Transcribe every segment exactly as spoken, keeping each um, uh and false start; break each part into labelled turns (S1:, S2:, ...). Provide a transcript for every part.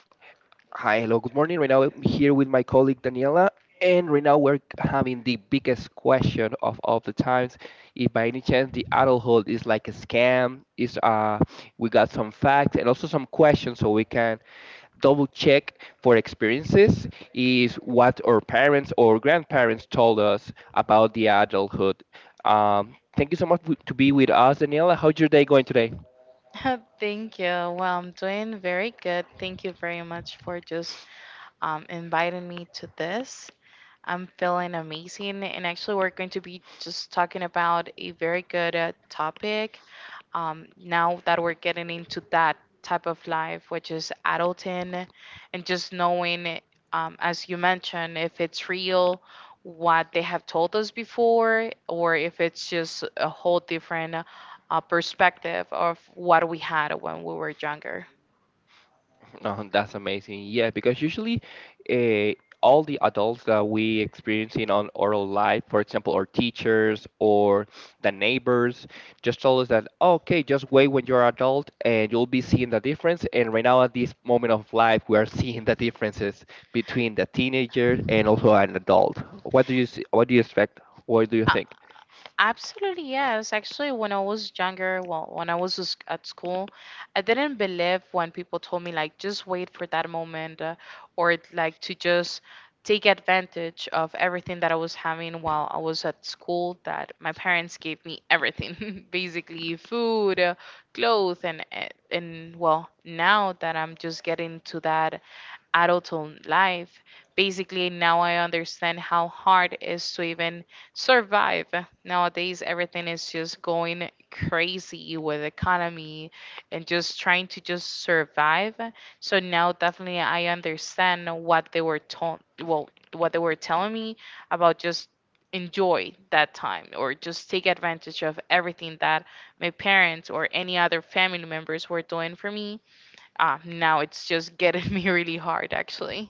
S1: Hi, hello, good morning. Right now, I'm here with my colleague Daniela, and right now we're having the biggest question of all the times. If by any chance the adulthood is like a scam, is uh, we got some facts and also some questions so we can double check for experiences. Is what our parents or grandparents told us about the adulthood. Um, thank you so much w- to be with us, Daniela. How's your day going today?
S2: Thank you. Well, I'm doing very good. Thank you very much for just um, inviting me to this. I'm feeling amazing. And actually, we're going to be just talking about a very good uh, topic um, now that we're getting into that type of life, which is adulting and just knowing, um, as you mentioned, if it's real, what they have told us before, or if it's just a whole different uh, perspective of what we had when we were younger.
S1: Oh, that's amazing. Yeah, because usually uh, all the adults that we experiencing on oral life, for example, our teachers or the neighbors, just told us that, "Oh, okay, just wait when you're adult and you'll be seeing the difference. And right now at this moment of life, we are seeing the differences between the teenager and also an adult. What do you see, what do you expect? What do you think?
S2: Absolutely, yes. Actually, when I was younger, well, when I was s- at school, I didn't believe when people told me, like, just wait for that moment, uh, or like to just take advantage of everything that I was having while I was at school, that my parents gave me everything, basically food, uh, clothes, and, and, and well, now that I'm just getting to that adult life. Basically, now I understand how hard it is to even survive. Nowadays, everything is just going crazy with economy and just trying to just survive. So now definitely I understand what they were told, well, what they were telling me about just enjoy that time or just take advantage of everything that my parents or any other family members were doing for me. Ah, now it's just getting me really hard, actually.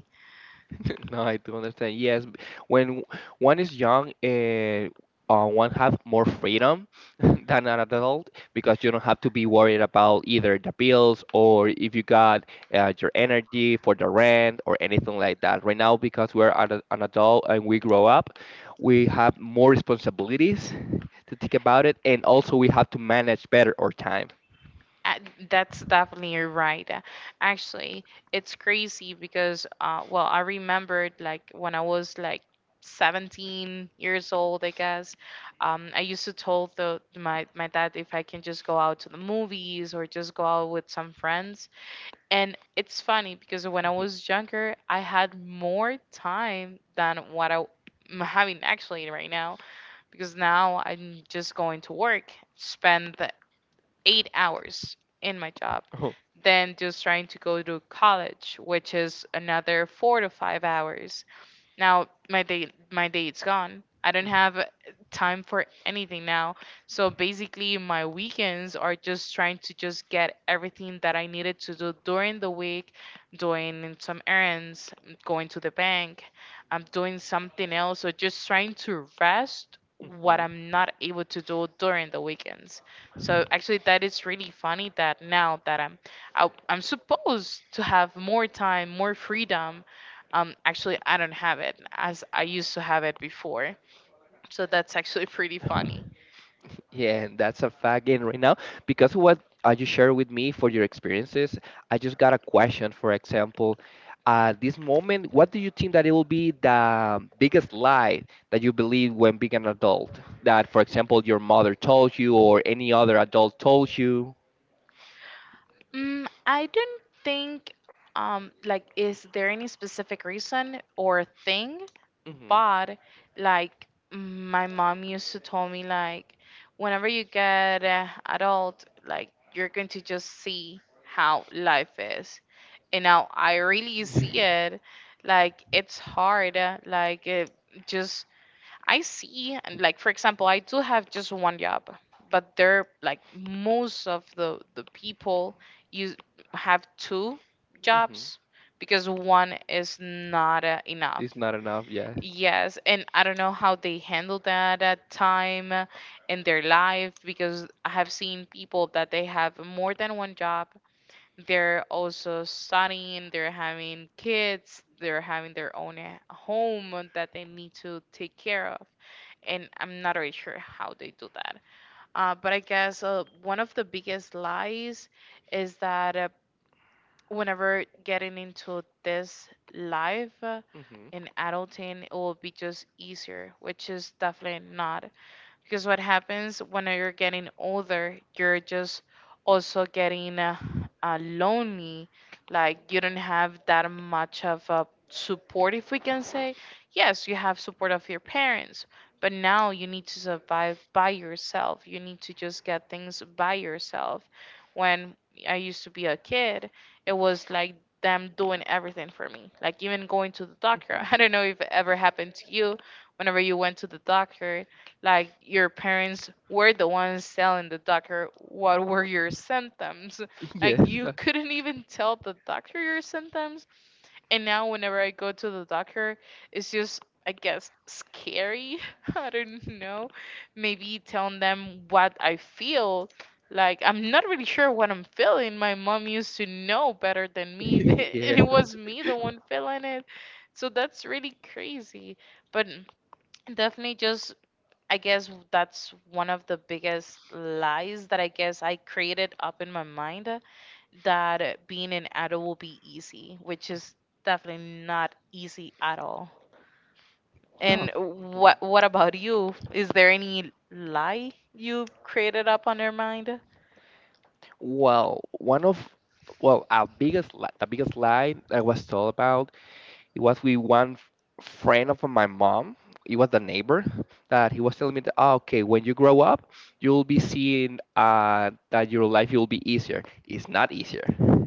S1: No, I do understand. Yes, b- when one is young, uh, uh, one have more freedom than an adult because you don't have to be worried about either the bills or if you got uh, your energy for the rent or anything like that. Right now, because we're ad- an adult and we grow up, we have more responsibilities to think about it, and also we have to manage better our time.
S2: Uh, That's definitely right. Uh, actually, it's crazy because, uh, well, I remembered like when I was like seventeen years old, I guess. Um, I used to tell the my my dad if I can just go out to the movies or just go out with some friends. And it's funny because when I was younger, I had more time than what I- I'm having actually right now, because now I'm just going to work, spend the eight hours in my job,
S1: Mhm.
S2: then just trying to go to college, which is another four to five hours. Now my day, my date's gone. I don't have uh, time for anything now. So basically my weekends are just trying to just get everything that I needed to do during the week, doing some errands, going to the bank, I'm doing something else, or just trying to rest what
S1: Mhm.
S2: I'm not able to do during the weekends. So actually that is really funny that now that I'm I, I'm supposed to have more time, more freedom, um, actually, I don't have it as I used to have it before. So that's actually pretty funny.
S1: Yeah, and that's a fact again right now because of what uh, you share with me for your experiences. I just got a question. For example, at this moment, what do you think that it will be the biggest lie that you believe when being an adult? That, for example, your mother told you or any other adult told you.
S2: Mm, I don't think, um, like, is there any specific reason or thing?
S1: Hmm.
S2: But, like, my mom used to tell me, like, whenever you get uh, adult, like, you're going to just see how life is. And now I really see it. Like, it's hard. Uh, like, it just, I see, and like for example, I do have just one job, but they're like most of the the people you have two
S1: Hmm.
S2: jobs because one is not uh, enough.
S1: It's not enough. Yeah.
S2: Yes, and I don't know how they handle that at time in their life, because I have seen people that they have more than one job, they're also studying, they're having kids, they're having their own uh, home that they need to take care of. And I'm not really sure how they do that. Uh, but I guess uh, one of the biggest lies is that, uh, whenever getting into this life, uh,
S1: Hmm.
S2: in adulting, it will be just easier, which is definitely not, because what happens when you're getting older, you're just also getting, uh, uh, lonely, like you don't have that much of a support, if we can say. Yes, you have support of your parents, but now you need to survive by yourself, you need to just get things by yourself. When I used to be a kid, it was like them doing everything for me, like even going to the doctor.
S1: Hmm.
S2: I don't know if it ever happened to you, whenever you went to the doctor, like your parents were the ones telling the doctor what were your symptoms,
S1: Yeah.
S2: like you couldn't even tell the doctor your symptoms. And now whenever I go to the doctor, it's just, I guess, scary. I don't know, maybe telling them what I feel, like I'm not really sure what I'm feeling. My mom used to know better than me.
S1: Yeah.
S2: And it was me the one feeling it, so that's really crazy. But definitely, just, I guess that's one of the biggest lies that I guess I created up in my mind, uh, that being an adult will be easy, which is definitely not easy at all.
S1: No.
S2: And what what about you? Is there any lie you created up on your mind?
S1: Well, one of well, our biggest li- the biggest lie I was told about it was with one f- friend of my mom. It was the neighbor that he was telling me that "Ah, okay, when you grow up, you'll be seeing uh, that your life will be easier. It's not easier.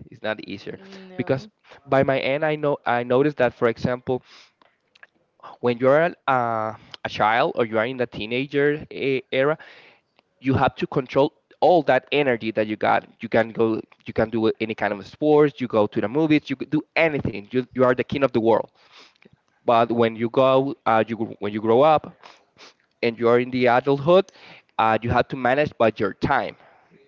S1: It's not easier because
S2: No.
S1: by my end, I know I noticed that, for example, when you're a, uh, a child or you are in the teenager e- era, you have to control all that energy that you got. You can go, you can do any kind of sports. You go to the movies. You could do anything. You, you are the king of the world. But when you go, uh, you gr- when you grow up and you are in the adulthood, uh, you have to manage by your time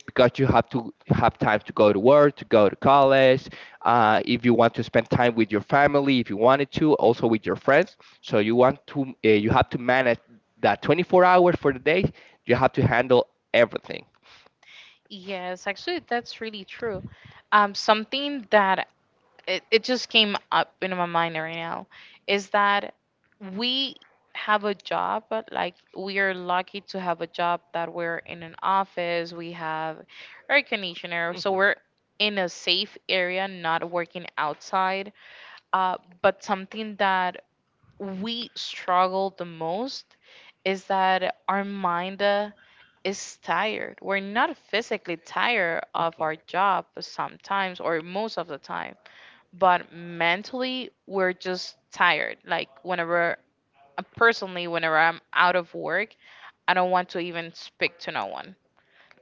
S1: because you have to have time to go to work, to go to college. Uh, if you want to spend time with your family, if you wanted to, also with your friends. So you want to, uh, you have to manage that twenty-four hours for the day. You have to handle everything.
S2: Yes, actually, that's really true. Um, something that, it, it just came up in my mind right now is that we have a job, but, like, we are lucky to have a job that we're in an office, we have air conditioner, so we're in a safe area, not working outside. Uh, but something that we struggle the most is that our mind, uh, is tired. We're not physically tired of
S1: Mhm.
S2: our job sometimes, or most of the time, but mentally we're just tired. Like whenever, uh, personally whenever I'm out of work, I don't want to even speak to no one.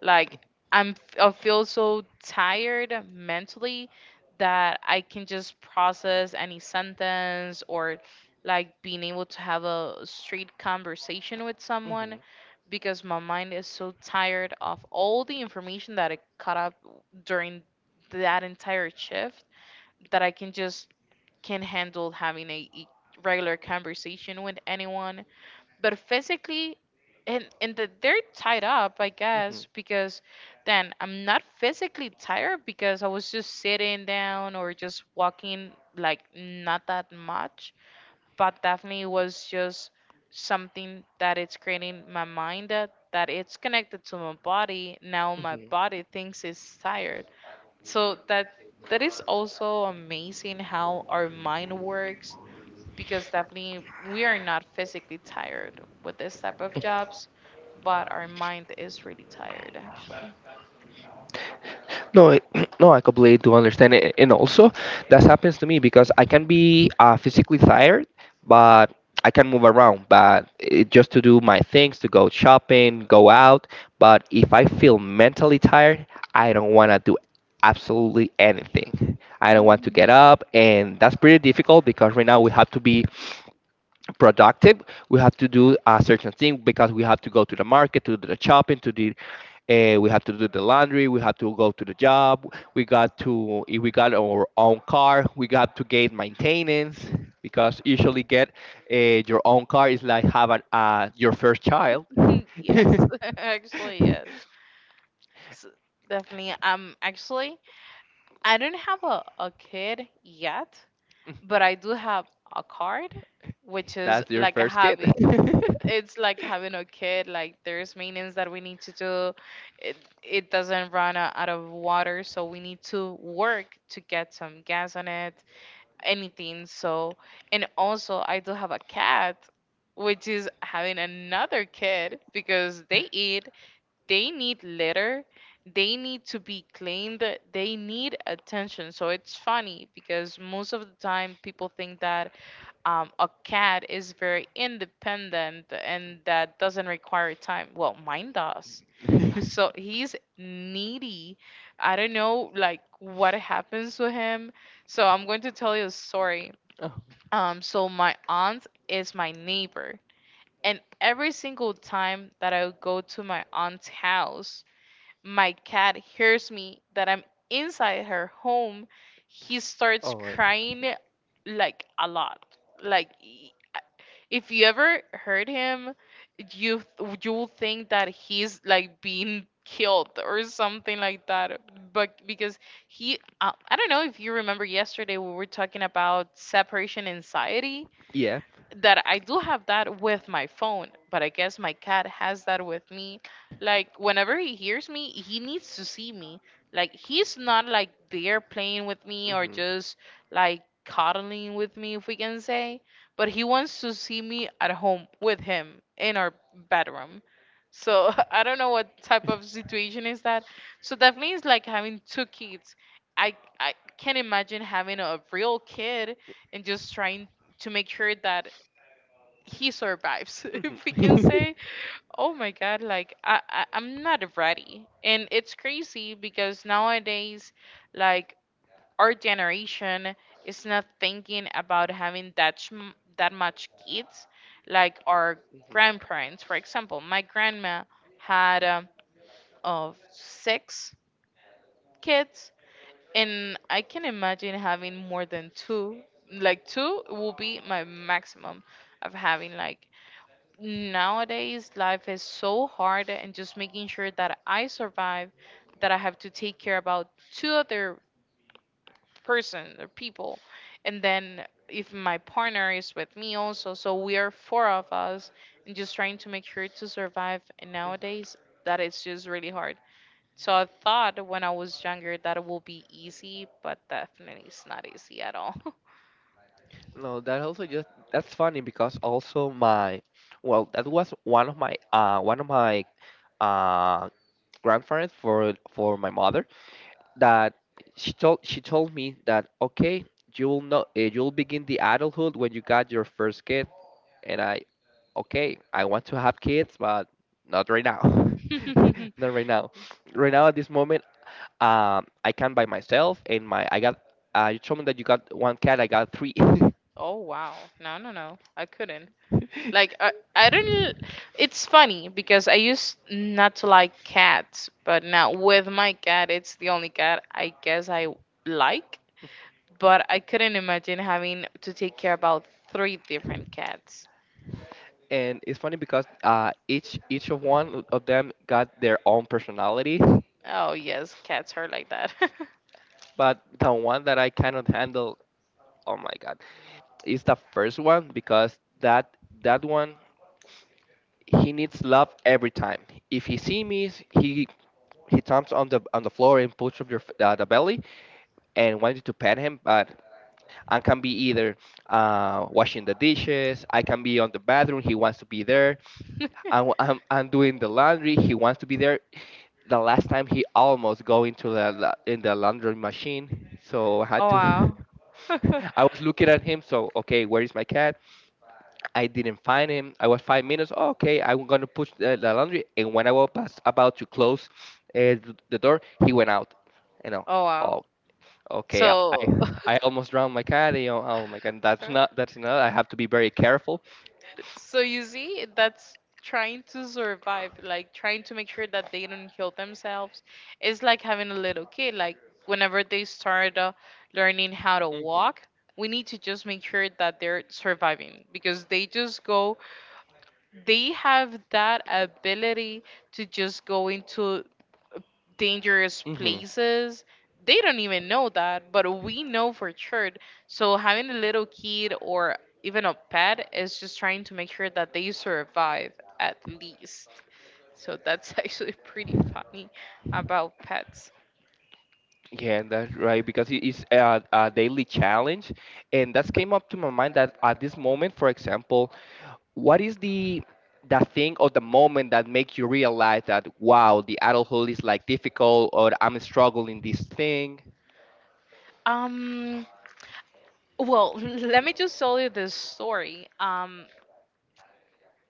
S2: Like, i'm I feel so tired mentally that I can just process any sentence, or like being able to have a straight conversation with someone,
S1: Mhm.
S2: because my mind is so tired of all the information that I caught up during that entire shift, that I can just can handle having a e- regular conversation with anyone. But physically, and and that they're tied up, I
S1: Mhm.
S2: guess, because then I'm not physically tired because I was just sitting down or just walking, like not that much. But definitely it was just something that it's creating my mind, that that it's connected to my body. Now my
S1: Mhm.
S2: body thinks it's tired, so that that is also amazing how our mind works, because definitely we are not physically tired with this type of jobs, but our mind is really tired actually.
S1: No, I- no, I completely do understand it, and also that happens to me because I can be uh, physically tired, but I can move around, but it, just to do my things, to go shopping, go out. But if I feel mentally tired, I don't want to do absolutely anything. I don't want to
S2: Hmm.
S1: get up, and that's pretty difficult because right now we have to be productive. We have to do a certain thing because we have to go to the market, to do the shopping, to do Uh, we have to do the laundry. We have to go to the job. We got to if we got our own car, we got to get maintenance because usually get uh, your own car is like have an, uh, your first child.
S2: Yes, actually yes. So definitely, um, actually, I don't have a, a kid yet, but I do have a card, which is
S1: That's your
S2: like a
S1: first kid.
S2: hobby. It's like having a kid, like there's maintenance that we need to do it, it doesn't run o- out of water, so we need to work to get some gas on it, anything. So, and also I do have a cat, which is having another kid because they eat, they need litter, they need to be cleaned, they need attention. So it's funny because most of the time people think that um, a cat is very independent and that doesn't require time. Well, mine does. So he's needy. I don't know, like, what happens to him. So I'm going to tell you a story.
S1: Oh.
S2: Um, so my aunt is my neighbor, and every single time that I go to my aunt's house, my cat hears me that I'm inside her home. He starts
S1: Oh my.
S2: crying, like, a lot, like, if you ever heard him, you th- you'll think that he's like being killed or something like that. But because he, uh, I don't know if you remember, yesterday we were talking about separation anxiety
S1: Yeah.
S2: that I do have that with my phone, but I guess my cat has that with me. Like whenever he hears me, he needs to see me. Like he's not like there playing with me or
S1: Mhm.
S2: just like cuddling with me, if we can say, but he wants to see me at home with him in our bedroom. So I don't know what type of situation is that. So definitely it's like having two kids. I I can't imagine having a real kid and just trying to make sure that he survives,
S1: Mhm.
S2: if we can say. Oh my god, like, I, I I'm not ready. And it's crazy because nowadays, like, our generation is not thinking about having that sm- that much kids, like our grandparents. For example, my grandma had, um, of six kids, and I can imagine having more than two. Like, two will be my maximum of having, like, nowadays life is so hard, and just making sure that I survive, that I have to take care about two other persons or people, and then if my partner is with me also, so we are four of us, and just trying to make sure to survive. And nowadays that is just really hard, so I thought when I was younger that it will be easy, but definitely it's not easy at all.
S1: No, that also just that's funny because also my well that was one of my uh one of my uh grandparents for for my mother that she told she told me that okay you'll know you'll begin the adulthood when you got your first kid and I okay I want to have kids but not right now. Not right now, right now at this moment, um I can by myself and my I got uh, you told me that you got one cat I got three.
S2: Oh wow, no, no, no, I couldn't. Like, I, I don't. It's funny because I used not to like cats, but now with my cat, it's the only cat I guess I like. But I couldn't imagine having to take care about three different cats.
S1: And it's funny because uh, each each of one of them got their own personality,
S2: Oh yes, cats are like that.
S1: but the one that I cannot handle, oh my god, is the first one because that that one he needs love every time. If he see me, he he jumps on the on the floor and pushes up your f- uh, the belly and wants you to pet him, but I can be either uh, washing the dishes, I can be on the bathroom, he wants to be there, I'm, I'm, I'm doing the laundry. He wants to be there. The last time he almost go into the la- in the laundry machine, so I had
S2: Oh
S1: to.
S2: wow. Oh
S1: I was looking at him. So okay, where is my cat? I didn't find him. I was five minutes. "Oh, okay, I'm gonna push the, the laundry. And when I was past, about to close uh, th- the door, he went out. You know,
S2: wow.
S1: oh, okay. I I
S2: So
S1: I almost drowned my cat. You know, oh my god, that's not that's not. I have to be very careful.
S2: so you see, that's trying to survive, like trying to make sure that they don't kill themselves. It's like having a little kid. Like whenever they start uh, learning how to
S1: Hmm.
S2: walk, we need to just make sure that they're surviving because they just go. They have that ability to just go into dangerous
S1: Hmm.
S2: places. They don't even know that, but we know for sure. So having a little kid or even a pet is just trying to make sure that they survive at least. So that's actually pretty funny about pets.
S1: Yeah, that's right, because it is a, a daily challenge. And that's came up to my mind that at this moment, for example, what is the the thing or the moment that make you realize that wow, the adulthood is like difficult or I'm struggling this thing?
S2: Um well, let me just tell you this story. Um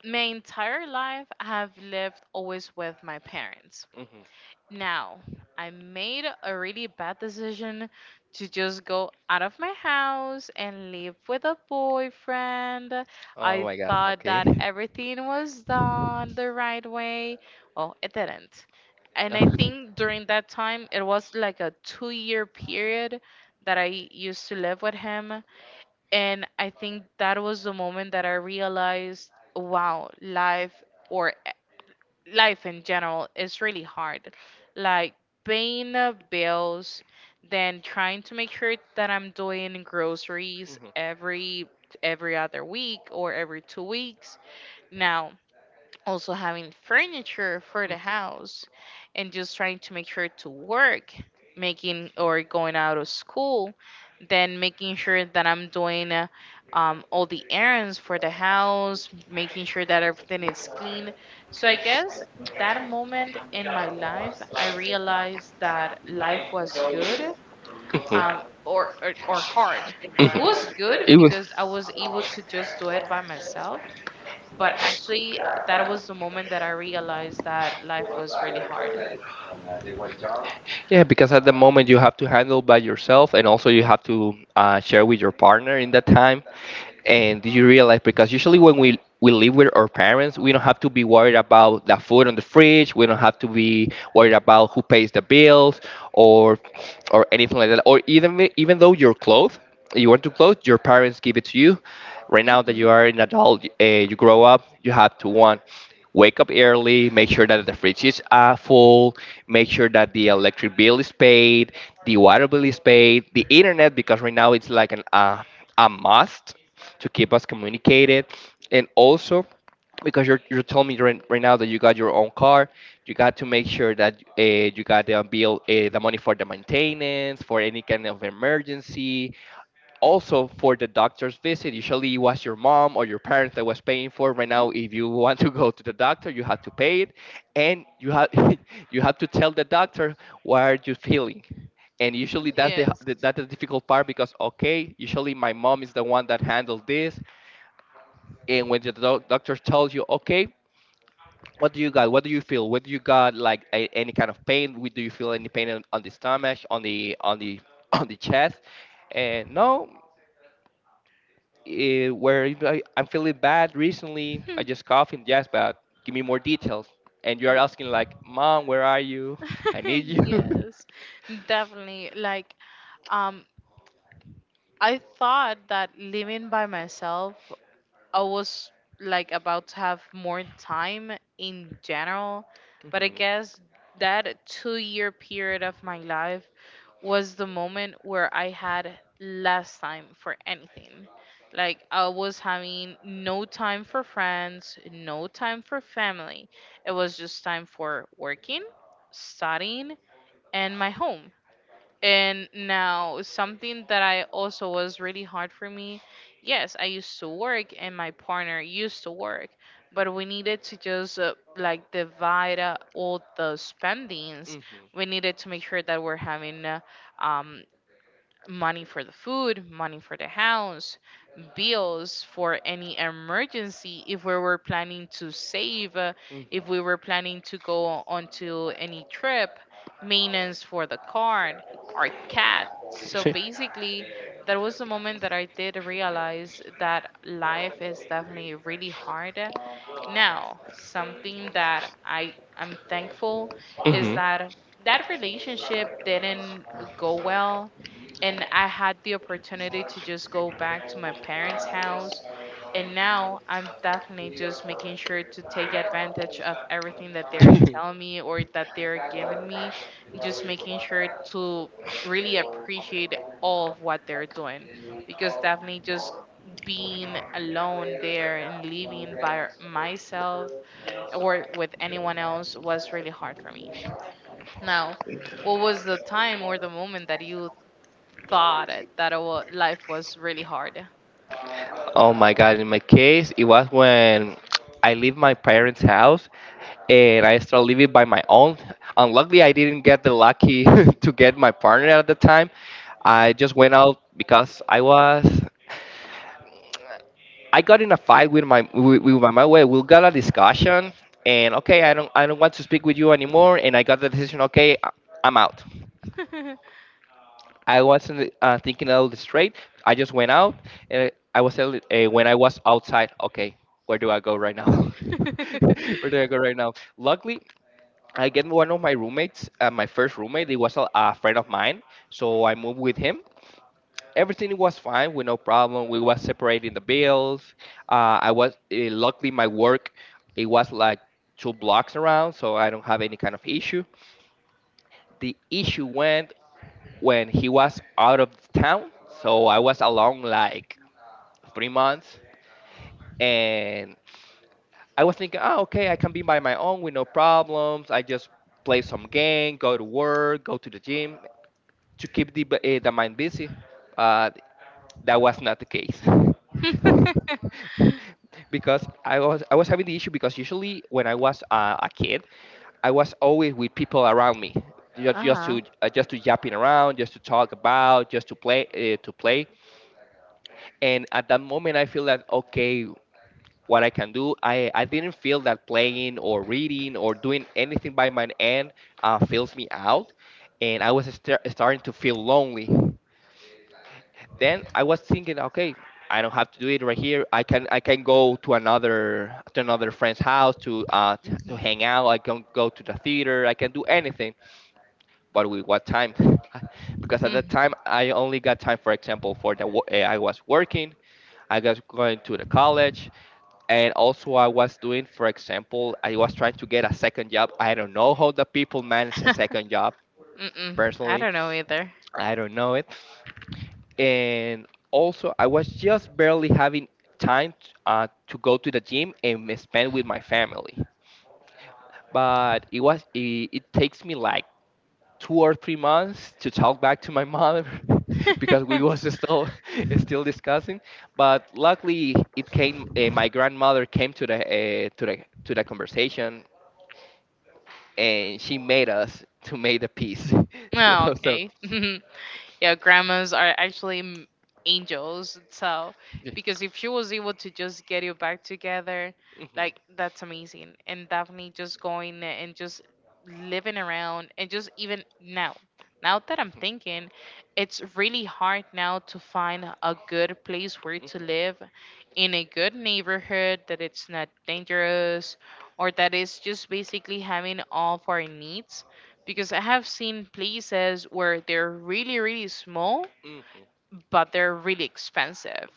S2: My entire life I have lived always with my parents.
S1: Hmm.
S2: Now, I made a really bad decision to just go out of my house and live with a boyfriend.
S1: Oh
S2: I
S1: my God,
S2: thought
S1: okay.
S2: that everything was done the right way. Well, it didn't. And I think during that time, it was like a two year period that I used to live with him. And I think that was the moment that I realized wow, life or life in general is really hard. Like paying the bills, then trying to make sure that I'm doing groceries
S1: Mhm,
S2: every every other week or every two weeks. Now, also having furniture for the
S1: mhm,
S2: house and just trying to make sure to work, making or going out of school, then making sure that I'm doing uh, um, all the errands for the house, making sure that everything is clean. So I guess that moment in my life I realized that life was good,
S1: mhm,
S2: um, or, or, or hard.
S1: mhm.
S2: It was good
S1: It was
S2: because I was able to just do it by myself, but actually, uh, that was the moment that I realized that life was really hard.
S1: yeah, because at the moment you have to handle by yourself and also you have to uh, share with your partner in that time. And did you realize because usually when we we live with our parents, we don't have to be worried about the food on the fridge. We don't have to be worried about who pays the bills or or anything like that. Or even even though your clothes, you want to clothes, your parents give it to you. Right now that
S2: Hmm.
S1: you are an adult, uh, you grow up, you have to one, wake up early, make sure that the fridges are full, make sure that the electric bill is paid, the water bill is paid, the internet because right now it's like an uh, a must to keep us communicated and also because you're, you told me right, right now that you got your own car, you got to make sure that uh, you got the bill uh, the money for the maintenance for any kind of emergency, also for the doctor's visit. Usually it was your mom or your parents that was paying for it. Right now if
S2: Mm.
S1: you want to go to the doctor you have to pay it, and you have you have to tell the doctor what are you feeling. And usually that's the
S2: Yes.
S1: that's the difficult part because okay usually my mom is the one that handled this. And when the doc- doctor tells you okay, what do you got, what do you feel, what do you got, like a, any kind of pain. We- do you feel any pain on, on the stomach on the on the on the chest? And no, eh, where you like, I'm feeling bad recently, I
S2: Hmm.
S1: just coughing, yes, but give me more details. And you're
S2: L-
S1: asking like mom where are you I need you.
S2: Yes, definitely. Like, um, I thought that living by myself I was like about to have more time in general, but I
S1: Hmm.
S2: guess that two year period of my life was the moment where I had less time for anything. Like I was having no time for friends, no time for family. It was just time for working, studying, and my home. And now, something that I also was really hard for me. Yes, I used to work, and my partner used to work, but we needed to just uh, like divide uh, all the spendings.
S1: Hmm.
S2: We needed to make sure that we're having uh, um, money for the food, money for the house, bills for any emergency. If we were planning to save, uh, if we were planning to go onto any trip, maintenance for the car, our cat. So basically, that was the moment that I did realize that life is definitely really hard. Now, something that I am thankful is that that relationship didn't go well and I had the opportunity to just go back to my parents' house. And now I'm definitely just making sure to take advantage of everything that they're
S1: Hmm.
S2: telling me or that they're giving me, and just making sure to really appreciate all of what they're doing. Because definitely just being alone there and living by myself or with anyone else was really hard for me. Now, what was the time or the moment that you thought it, that it wa- life was really hard.
S1: Oh my God, in my case, it was when I leave my parents' house and I start living by my own. Unluckily, I didn't get the lucky to get my partner at the time. I just went out because I was I got in a fight with my with, with my, my way. We got a discussion, and okay, I don't I don't want to speak with you anymore. And I got the decision. Okay, I- I'm out. I wasn't uh, thinking out this straight. I just went out, and I was telling uh, when I was outside. Okay, where do I go right now? Where do I go right now? Luckily, I get one of my roommates. Uh, my first roommate, he was a, a friend of mine, so I moved with him. Everything was fine, with no problem. We was separating the bills. Uh, I was uh, luckily my work. It was like two blocks around, so I don't have any kind of issue. The issue went when he was out of town. So I was alone like three months, and I was thinking, oh, okay, I can be by my own with no problems. I just play some game, go to work, go to the gym to keep the b- eh, the mind busy, but that was not the case. Because I was I was having the issue because usually when I was uh, a kid, I was always with people around me, just,
S2: Uh
S1: just
S2: huh.
S1: to uh, just to yapping around, just to talk about, just to play uh, to play. And at that moment, I feel that okay, what I can do, I I didn't feel that playing or reading or doing anything by my end uh, fills me out, and I was sta- starting to feel lonely. Then I was thinking, okay, I don't have to do it right here. I can I can go to another to another friend's house to uh t- to hang
S2: Mm.
S1: out. I can go to the theater. I can do anything. But with what time? Because at that time I only got time, for example, for the wo- eh, I was working. I was going to the college, and also I was doing, for example, I was trying to get a second job. I don't know how the people manage a second job.
S2: Mm-mm. I
S1: Personally,
S2: don't know either.
S1: I don't know it and also I was just barely having time t- uh, to go to the gym and m- spend with my family. But it was it, it takes me like two or three months to talk back to my mother because we was still still discussing. But luckily, it came. Uh, my grandmother came to the uh, to the to the conversation and she made us to make the peace.
S2: Oh,
S1: so so.
S2: okay. Yeah, grandmas are actually m- angels, so
S1: Yeah.
S2: because if she was able to just get you back together
S1: Hmm.
S2: like that's amazing. And definitely just going and just living around and just even now, now that I'm thinking, it's really hard now to find a good place where to live, in a good neighborhood that it's not dangerous or that is just basically having all of our needs, because I have seen places where they're really, really small,
S1: Hmm.
S2: but they're really expensive.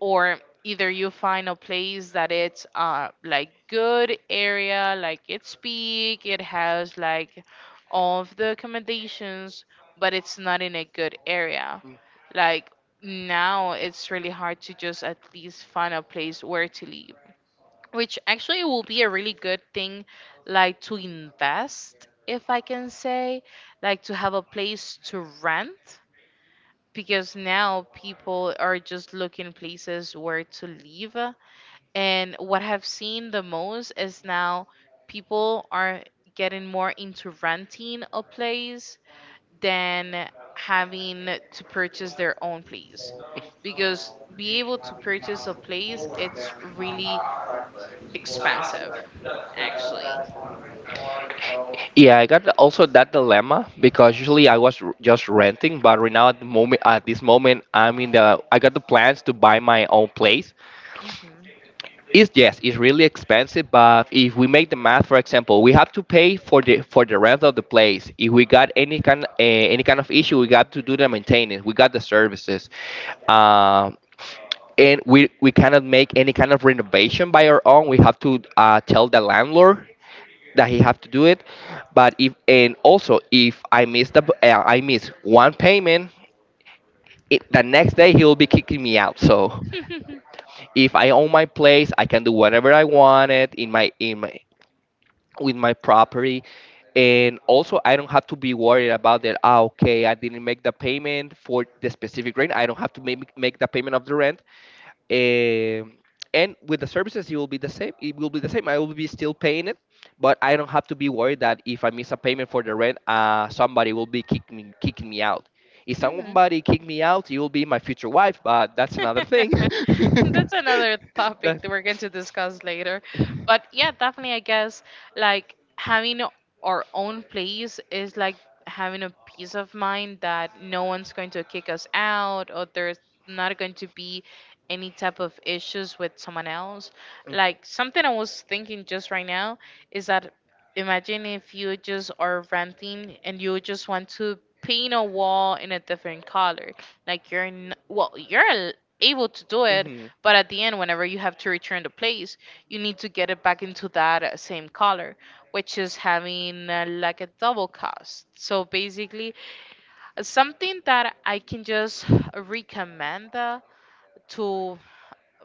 S2: Or either you find a place that it's uh like good area, like it's big, it has like all of the accommodations, but it's not in a good area. Like now it's really hard to just at least find a place where to live, which actually will be a really good thing, like to invest if I can say, like to have a place to rent, because now people are just looking places where to live. And what I've seen the most is now people are getting more into renting a place than having to purchase their own place, because be able to purchase a place it's really expensive, actually.
S1: Yeah, I got also that dilemma because usually I was r- just renting, but right now at the moment, at this moment, I'm in the I got the plans to buy my own place.
S2: Hmm.
S1: It's yes, it's really expensive, but if we make the math, for example, we have to pay for the for the rent of the place. If we got any kind uh, any kind of issue, we got to do the maintenance. We got the services. Um, and we we cannot make any kind of renovation by our own. We have to uh, tell the landlord that he have to do it. But if and also if I miss the uh, I miss one payment, it, the next day he will be kicking me out. So if I own my place, I can do whatever I wanted in my in my with my property. And also, I don't have to be worried about that. Ah, okay, I didn't make the payment for the specific rent. I don't have to make make the payment of the rent um and with the services, it will be the same. It will be the same. I will be still paying it, but I don't have to be worried that if I miss a payment for the rent, uh, somebody will be kicking me, kicking me out. If
S2: Hmm.
S1: somebody kick me out, it will be my future wife, but that's another thing.
S2: That's another topic
S1: That,
S2: that we're going to discuss later. But yeah, definitely, I guess like having o- our own place is like having a peace of mind that no one's going to kick us out or there's not going to be any type of issues with someone else. Like something I was thinking just right now is that imagine if you just are renting and you just want to paint a wall in a different color. Like you're n- well, you're able to do it,
S1: hmm.
S2: but at the end, whenever you have to return the place, you need to get it back into that uh, same color, which is having uh, like a double cost. So basically, uh, something that I can just recommend uh, to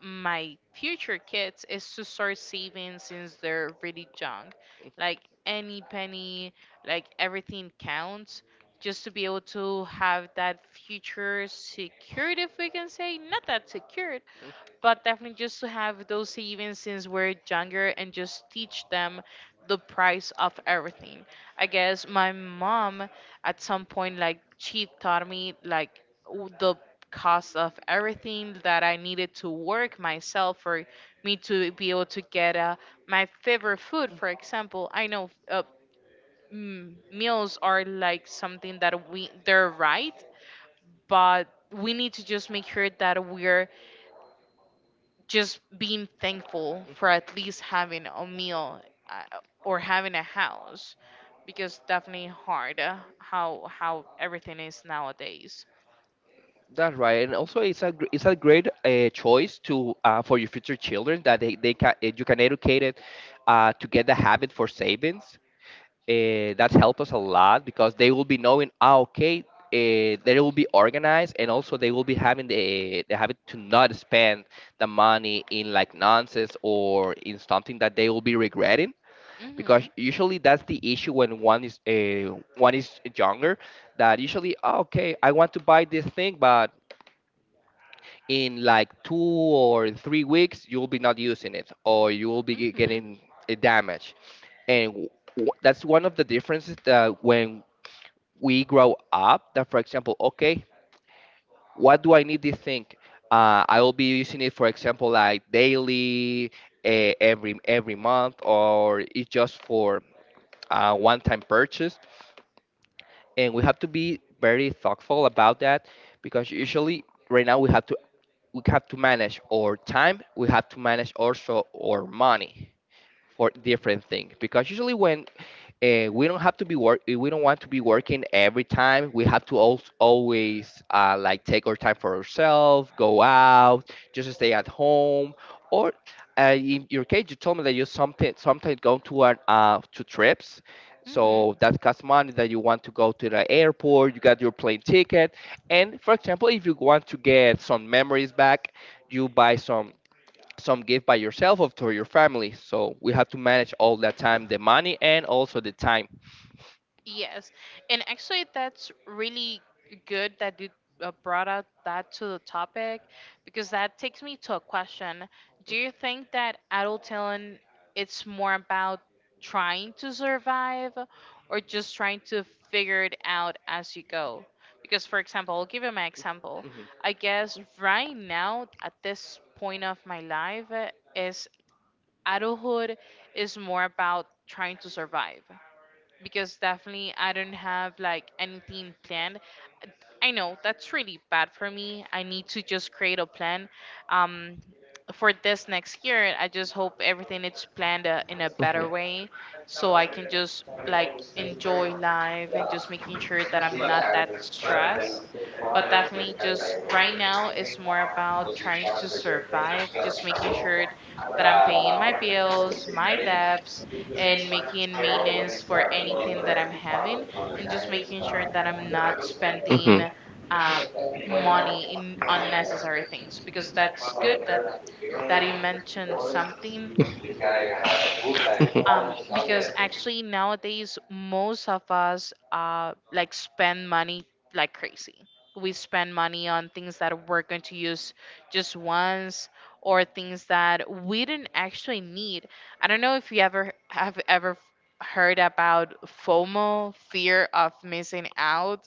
S2: my future kids is to start saving since they're really young. Like any penny, like everything counts. Just to be able to have that future secured, if we can say, not that secured, but definitely just to have those savings since we're younger and just teach them the price of everything. I guess my mom at some point like she taught me like w- the cost of everything that I needed to work myself for me to be able to get uh, my favorite food. For example, I know uh, mm, meals are like something that we they're right, but we need to just make sure that we're just being thankful for at least having a meal, uh, or having a house, because definitely hard uh, how how everything is nowadays.
S1: That's right, and also it's a gr- it's a great uh, choice to uh, for your future children that they, they can eh, you can educate it uh, to get the habit for savings uh, that's helped us a lot because they will be knowing ah, okay uh, they will be organized and also they will be having the, the habit to not spend the money in like nonsense or in something that they will be regretting
S2: Mhm.
S1: because usually that's the issue when one is uh, one is younger that usually "Ah, okay, I want to buy this thing but in like two or three weeks you'll be not using it or you will be ge-
S2: Mhm.
S1: getting a damage and w- w- that's one of the differences that when we grow up that for example okay what do I need this thing, uh, I will be using it for example like daily, uh, every every month or it's just for uh, one time purchase and we have to be very thoughtful about that because usually right now we have to we have to manage our time, we have to manage also our money for different things because usually when uh, we don't have to be work eh, we don't want to be working every time we have to al- always uh, like take our time for ourselves, go out, just stay at home, or uh, in your case you told me that you something sometimes go to an uh, to trips,
S2: Mhm.
S1: so that costs money, that you want to go to the airport, you got your plane ticket and for example if you want to get some memories back you buy some some gift by yourself or to your family. So we have to manage all that time, the money and also the time.
S2: Yes, and actually, that's really good that you uh, brought out that to the topic, because that takes me to a question. Do you think that adulting it's more about trying to survive or just trying to figure it out as you go? Because, for example, I'll give you my example.
S1: Hmm.
S2: I guess right now at this point of my life uh, is adulthood is more about trying to survive because definitely I don't have like anything planned. I know that's really bad for me. I need to just create a plan um, for this next year. I just hope everything is planned uh, in a better way so I can just like enjoy life and just making sure that I'm not that stressed. But definitely, just right now, it's more about trying to survive, just making sure that I'm paying my bills, my debts, and making maintenance for anything that I'm having, and just making sure that I'm not spending
S1: Hmm.
S2: um, money in unnecessary things, because that's good that that you mentioned something, um, because actually nowadays most of us uh, like spend money like crazy. We spend money on things that we're going to use just once or things that we didn't actually need. I don't know if you ever have ever heard about FOMO, fear of missing out.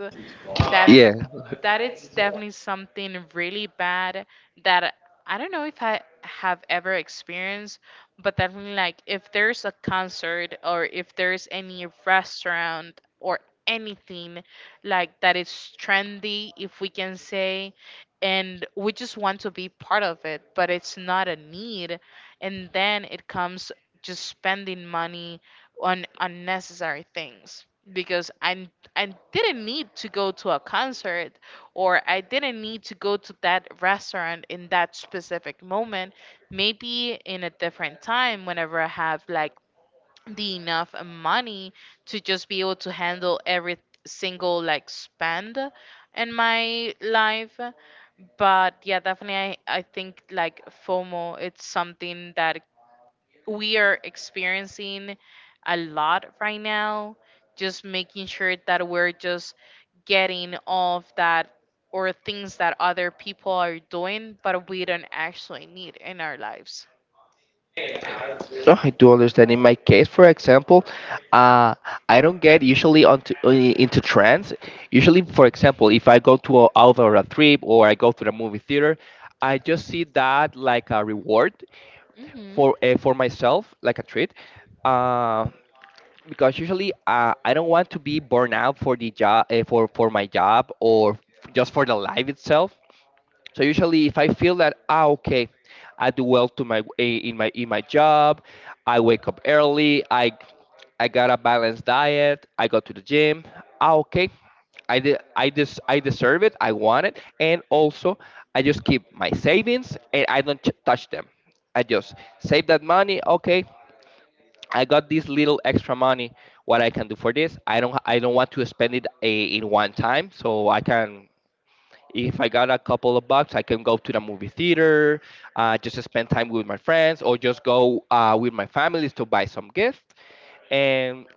S2: That's,
S1: Yeah,
S2: that is definitely something really bad that I don't know if I have ever experienced, but definitely like if there's a concert or if there's any restaurant or anything like that is trendy, if we can say, and we just want to be part of it, but it's not a need. And then it comes just spending money on unnecessary things, because I I didn't need to go to a concert or I didn't need to go to that restaurant in that specific moment. Maybe in a different time, whenever I have like the enough money to just be able to handle every single like spend in my life. But yeah, definitely, I, I think like FOMO, it's something that we are experiencing a lot right now, just making sure that we're just getting off that or things that other people are doing but we don't actually need in our lives.
S1: no, I do understand. In my case, for example, uh, I don't get usually onto uh, into trends. Usually, for example, if I go to a, out on a trip or I go to the movie theater, I just see that like a reward
S2: Hmm.
S1: for uh, for myself, like a treat. Uh, because usually uh, I don't want to be burned out for the job uh, for for my job or f- just for the life itself. So usually, if I feel that ah okay, I do well to my eh, in my in my job, I wake up early, I I got a balanced diet, I go to the gym. Ah okay, I de- I des- I deserve it, I want it, and also I just keep my savings and I don't ch- touch them. I just save that money. Okay, I got this little extra money. What I can do for this? I don't I don't want to spend it a, in one time, so I can if I got a couple of bucks, I can go to the movie theater, uh, just to spend time with my friends, or just go uh, with my families to buy some gift, and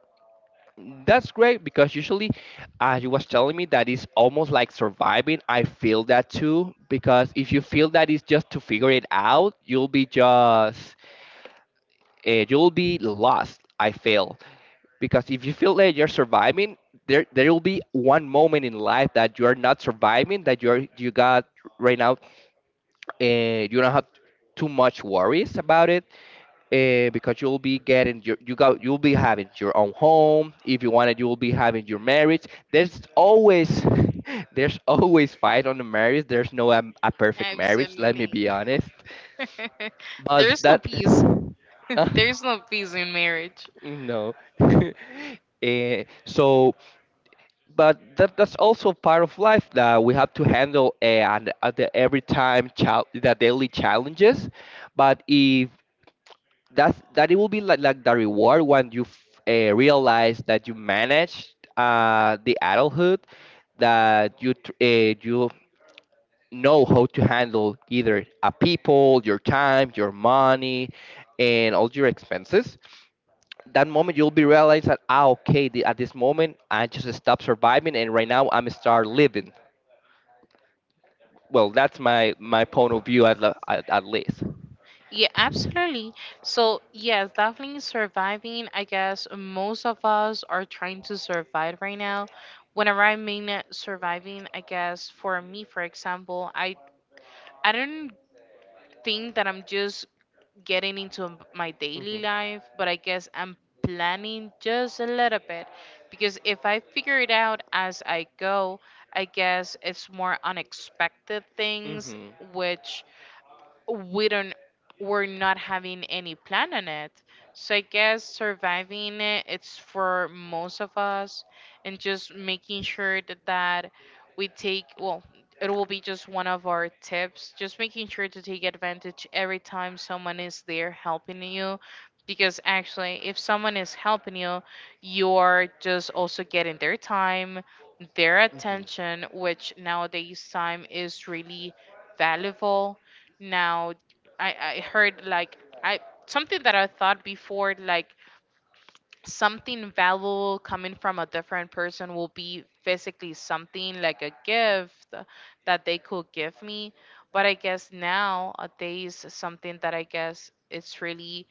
S1: that's great because usually, uh, you was telling me that it's almost like surviving. I feel that too because if you feel that it's just to figure it out, you'll be just uh, you'll be lost. I feel because if you feel that you're surviving, there there will be one moment in life that you are not surviving, that you're you got right now, uh, you don't have too much worries about it, uh, because you'll be getting your you got you'll be having your own home. If you want it, you will be having your marriage. There's always there's always fight on the marriage. There's no um, a perfect marriage. Let me
S2: Absolutely.
S1: be honest, but
S2: There's no
S1: that.
S2: peace. There's no peace in marriage.
S1: No. Eh, so, but that that's also part of life that we have to handle uh, and at the every time chal the daily challenges. But if that's that, it will be like like the reward when you f- uh, realize that you managed uh, the adulthood, that you tr- uh, you know how to handle either a people, your time, your money, and all your expenses, that moment you'll be realized that ah okay the, at this moment I just stopped surviving and right now I'm start living, well that's my my point of view at, le- at, at least.
S2: Yeah, absolutely. So, yes, definitely surviving. I guess most of us are trying to survive right now. Whenever I mean uh, surviving, I guess for me, for example, I I don't think that I'm just getting into m- my
S1: Hmm.
S2: daily life, but I guess I'm planning just a little bit. Because if I figure it out as I go, I guess it's more unexpected things
S1: Hmm.
S2: which we don't we're not having any plan on it. So I guess surviving it it's for most of us. And just making sure that, that we take well, it will be just one of our tips, just making sure to take advantage every time someone is there helping you. Because actually if someone is helping you, you're just also getting their time, their
S1: Hmm.
S2: attention, which nowadays time is really valuable. Now, i i heard, like, I something that I thought before, like something valuable coming from a different person will be physically something like a gift that they could give me. But I guess now uh, there is something that I guess it's really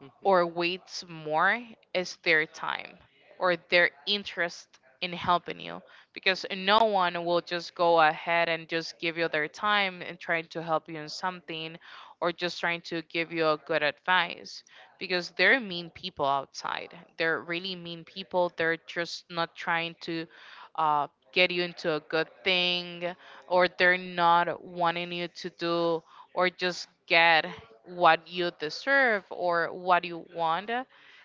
S1: Hmm.
S2: or weights more, is their time or their interest in helping you. Because no one will just go ahead and just give you their time and trying to help you in something, or just trying to give you a good advice. Because they're mean people outside. They're really mean people. They're just not trying to uh, get you into a good thing, or they're not wanting you to do or just get what you deserve or what you want.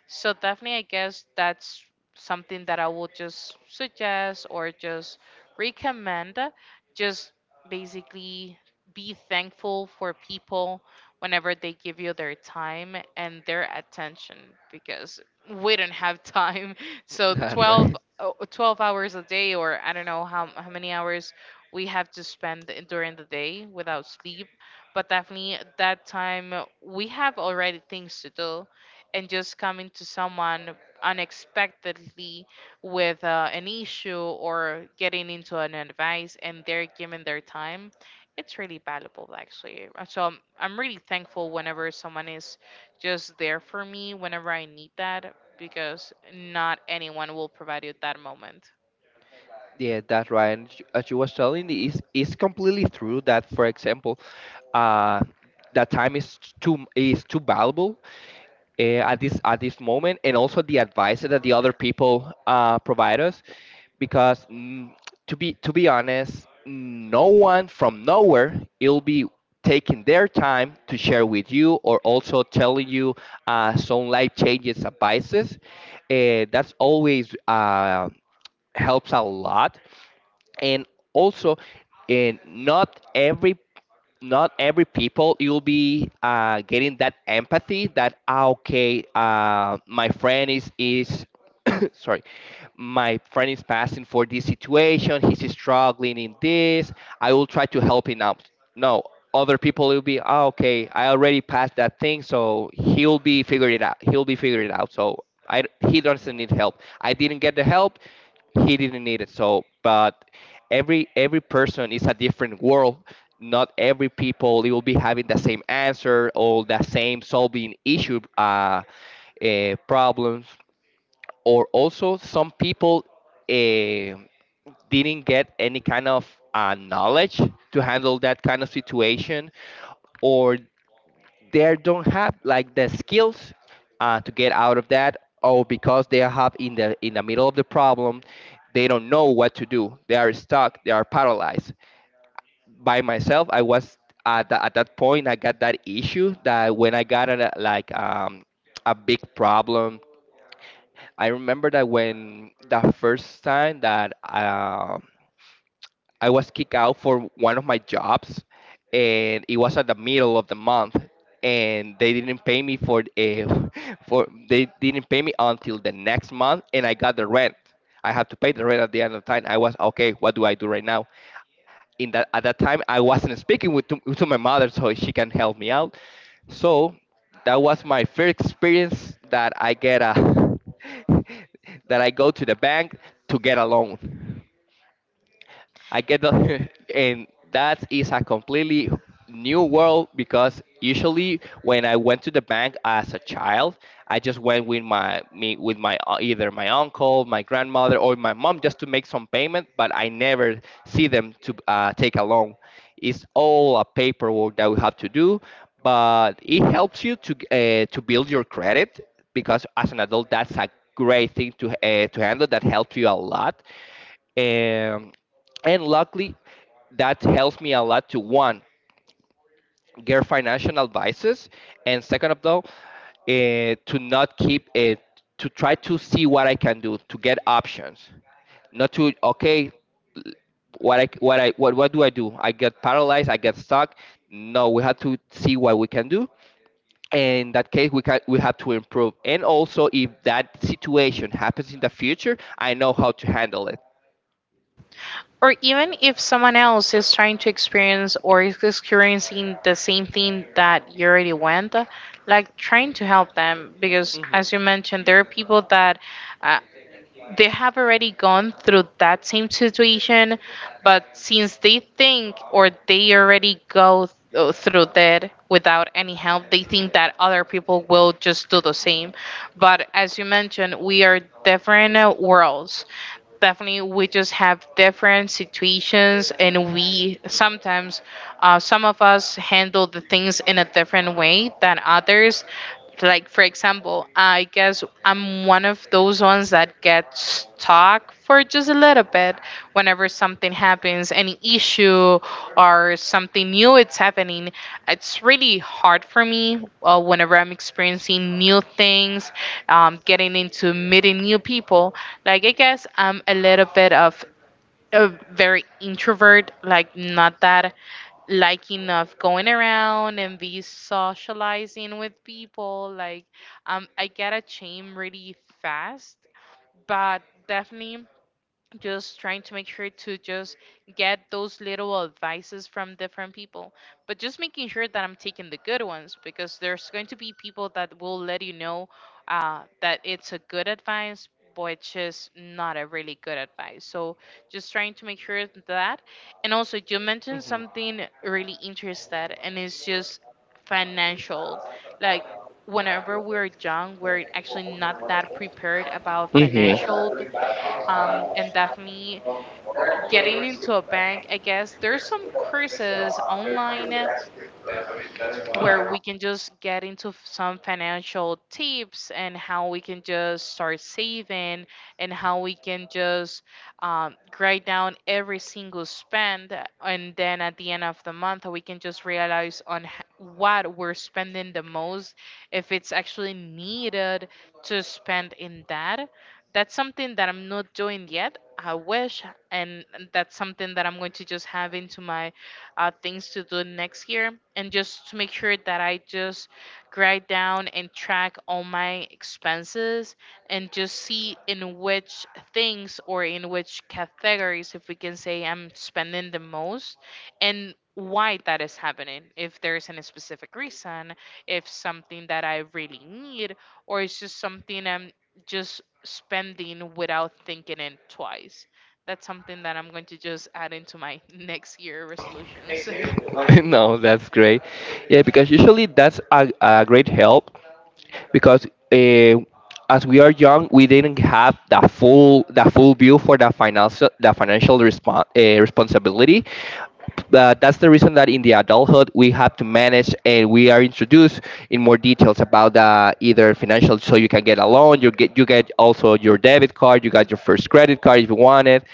S2: So, definitely, I guess that's something that I will just suggest or just recommend. Just basically be thankful for people whenever they give you their time and their attention, because we don't have time. So
S1: That's
S2: 12,
S1: right.
S2: oh, twelve hours a day, or I don't know how, how many hours we have to spend during the day without sleep. But definitely that time we have already things to do. And just coming to someone unexpectedly with uh, an issue or getting into an advice and they're giving their time, it's really valuable, actually. Uh, So I'm, I'm really thankful whenever someone is just there for me whenever I need that, because not anyone will provide you that moment.
S1: Yeah, that's right. And sh- as you was telling, it's, it's completely true that, for example, uh, that time is too is too valuable uh, at this at this moment, and also the advice that the other people uh, provide us, because mm, to be to be honest, no one from nowhere will be taking their time to share with you or also telling you uh, some life changes advices. Uh, that's always. Uh, helps a lot. And also, and not every not every people you'll be uh, getting that empathy that ah, okay, uh, my friend is is sorry, my friend is passing for this situation, he's struggling in this, I will try to help him out. No, other people will be oh, okay, I already passed that thing, so he'll be figuring it out, he'll be figuring it out so I, he doesn't need help, I didn't get the help, he didn't need it, so. But every every person is a different world. Not every people they will be having the same answer or the same solving issue uh, uh problems. Or also some people uh, didn't get any kind of uh, knowledge to handle that kind of situation, or they don't have like the skills uh, to get out of that, or because they are in the in the middle of the problem, they don't know what to do, they are stuck, they are paralyzed. By myself, I was at, the, at that point, I got that issue that when I got a, like um, a big problem. I remember that when the first time that um I was kicked out for one of my jobs, and it was at the middle of the month, and they didn't pay me for uh, for they didn't pay me until the next month, and I got the rent. I have to pay the rent at the end of the time. I was okay. What do I do right now? In that At that time, I wasn't speaking with to, to my mother, so she can help me out. So that was my first experience that I get a that I go to the bank to get a loan. I get the, and that is a completely new world, because usually when I went to the bank as a child, I just went with my me with my uh, either my uncle, my grandmother, or my mom, just to make some payment, but I never see them to uh, take a loan. It's all a paperwork that we have to do, but it helps you to uh, to build your credit, because as an adult, that's a great thing to uh, to handle. That helps you a lot. Um, and luckily, that helps me a lot to, one, get financial advices, and second of all, uh, to not keep it, to try to see what I can do to get options, not to okay, l- what I what i what, what do I do, I get paralyzed, I get stuck. No, we have to see what we can do. And in that case, we can we have to improve, and also if that situation happens in the future, I know how to handle it.
S2: Or even if someone else is trying to experience or is experiencing the same thing that you already went, like trying to help them. Because
S1: Hmm.
S2: as you mentioned, there are people that uh, they have already gone through that same situation, but since they think or they already go th- through that without any help, they think that other people will just do the same. But as you mentioned, we are different uh, worlds. Definitely, we just have different situations, and we sometimes, uh, some of us handle the things in a different way than others. Like for example, I guess I'm one of those ones that gets stuck for just a little bit whenever something happens, any issue or something new it's happening. It's really hard for me uh, whenever I'm experiencing new things, um, getting into meeting new people. Like, I guess I'm a little bit of a very introvert, like not that liking of going around and be socializing with people. Like, um, I get ashamed really fast. But definitely, just trying to make sure to just get those little advices from different people, but just making sure that I'm taking the good ones, because there's going to be people that will let you know uh, that it's a good advice which is not a really good advice. So just trying to make sure that. And also, you mentioned
S1: Hmm.
S2: something really interested, and it's just financial. Like, whenever we're young, we're actually not that prepared about
S1: Hmm.
S2: financial. Um, and definitely getting into a bank, I guess there's some courses online where we can just get into f- some financial tips and how we can just start saving, and how we can just um, write down every single spend, and then at the end of the month we can just realize on h- what we're spending the most, if it's actually needed to spend in that. That's something that I'm not doing yet, I wish. And that's something that I'm going to just have into my uh, things to do next year, and just to make sure that I just write down and track all my expenses, and just see in which things or in which categories, if we can say, I'm spending the most and why that is happening. If there's any specific reason, if something that I really need, or it's just something I'm just spending without thinking it twice. That's something that I'm going to just add into my next year resolutions.
S1: No, that's great. Yeah, because usually that's a, a great help, because uh, as we are young, we didn't have the full the full view for the financial the financial respon uh, responsibility. But that's the reason that in the adulthood we have to manage, and we are introduced in more details about the either financial. So you can get a loan, you get you get also your debit card, you got your first credit card if you want it.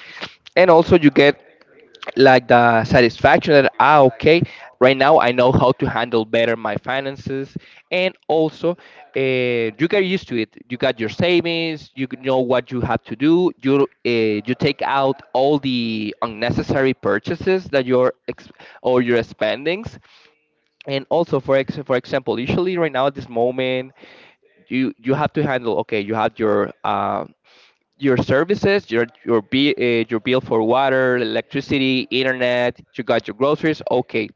S1: And also you get like the satisfaction that ah, okay, right now I know how to handle better my finances. And also uh, you get used to it, you got your savings, you g- know what you have to do, you uh, you take out all the unnecessary purchases that you're ex- or your spendings. And also for ex- for example, usually right now at this moment, you you have to handle okay, you have your um your services, your your bill, uh, your bill for water, electricity, internet. You got your groceries. Okay,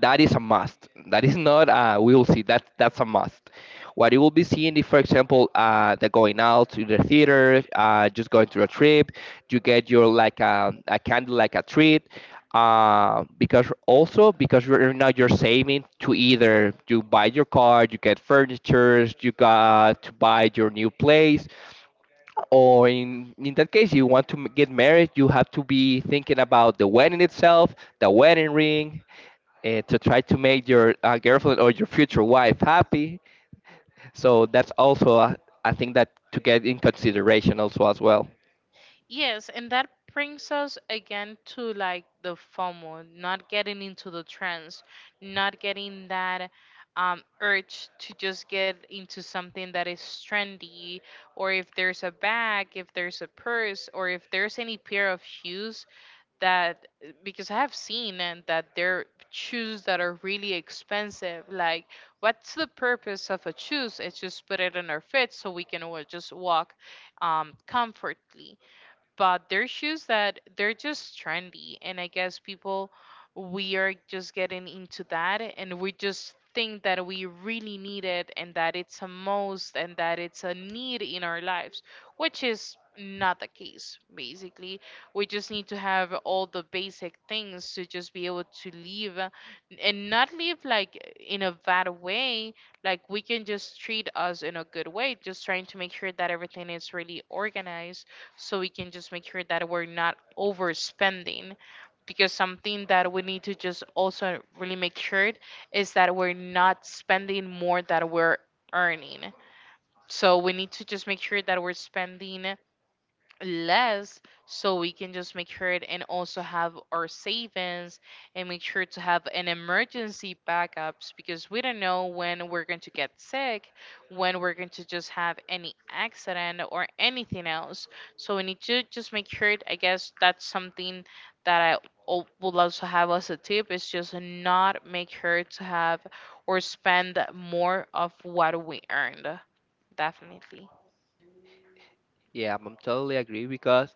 S1: that is a must. That is not. Uh, we will see that. That's a must. What you will be seeing, if, for example, uh, the going out to the theater, uh, just going to a trip, you get your like a a candy, like a treat. Uh, because also because right now you're saving to either you buy your car, you get furniture, you got to buy your new place, or in, in that case you want to m- get married, you have to be thinking about the wedding itself, the wedding ring, uh, to try to make your uh, girlfriend or your future wife happy. So that's also a, a thing that to get in consideration also as well.
S2: Yes, and that brings us again to like the FOMO, not getting into the trends, not getting that um, urge to just get into something that is trendy, or if there's a bag, if there's a purse, or if there's any pair of shoes that, because I have seen and that there are shoes that are really expensive. Like, what's the purpose of a shoes? It's just put it in our feet so we can wa- just walk um, comfortably. But they're shoes that they're just trendy, and I guess people, we are just getting into that, and we just think that we really need it and that it's a most and that it's a need in our lives, which is not the case. Basically we just need to have all the basic things to just be able to live, uh, and not live like in a bad way. Like, we can just treat us in a good way, just trying to make sure that everything is really organized, so we can just make sure that we're not overspending. Because something that we need to just also really make sure, is that we're not spending more than we're earning. So we need to just make sure that we're spending less, so we can just make sure it, and also have our savings, and make sure to have an emergency backups, because we don't know when we're going to get sick, when we're going to just have any accident or anything else. So we need to just make sure it. I guess that's something that i al- would also have as a tip, is just not make sure to have or spend more of what we earned, definitely.
S1: Yeah, I'm I'm totally agree, because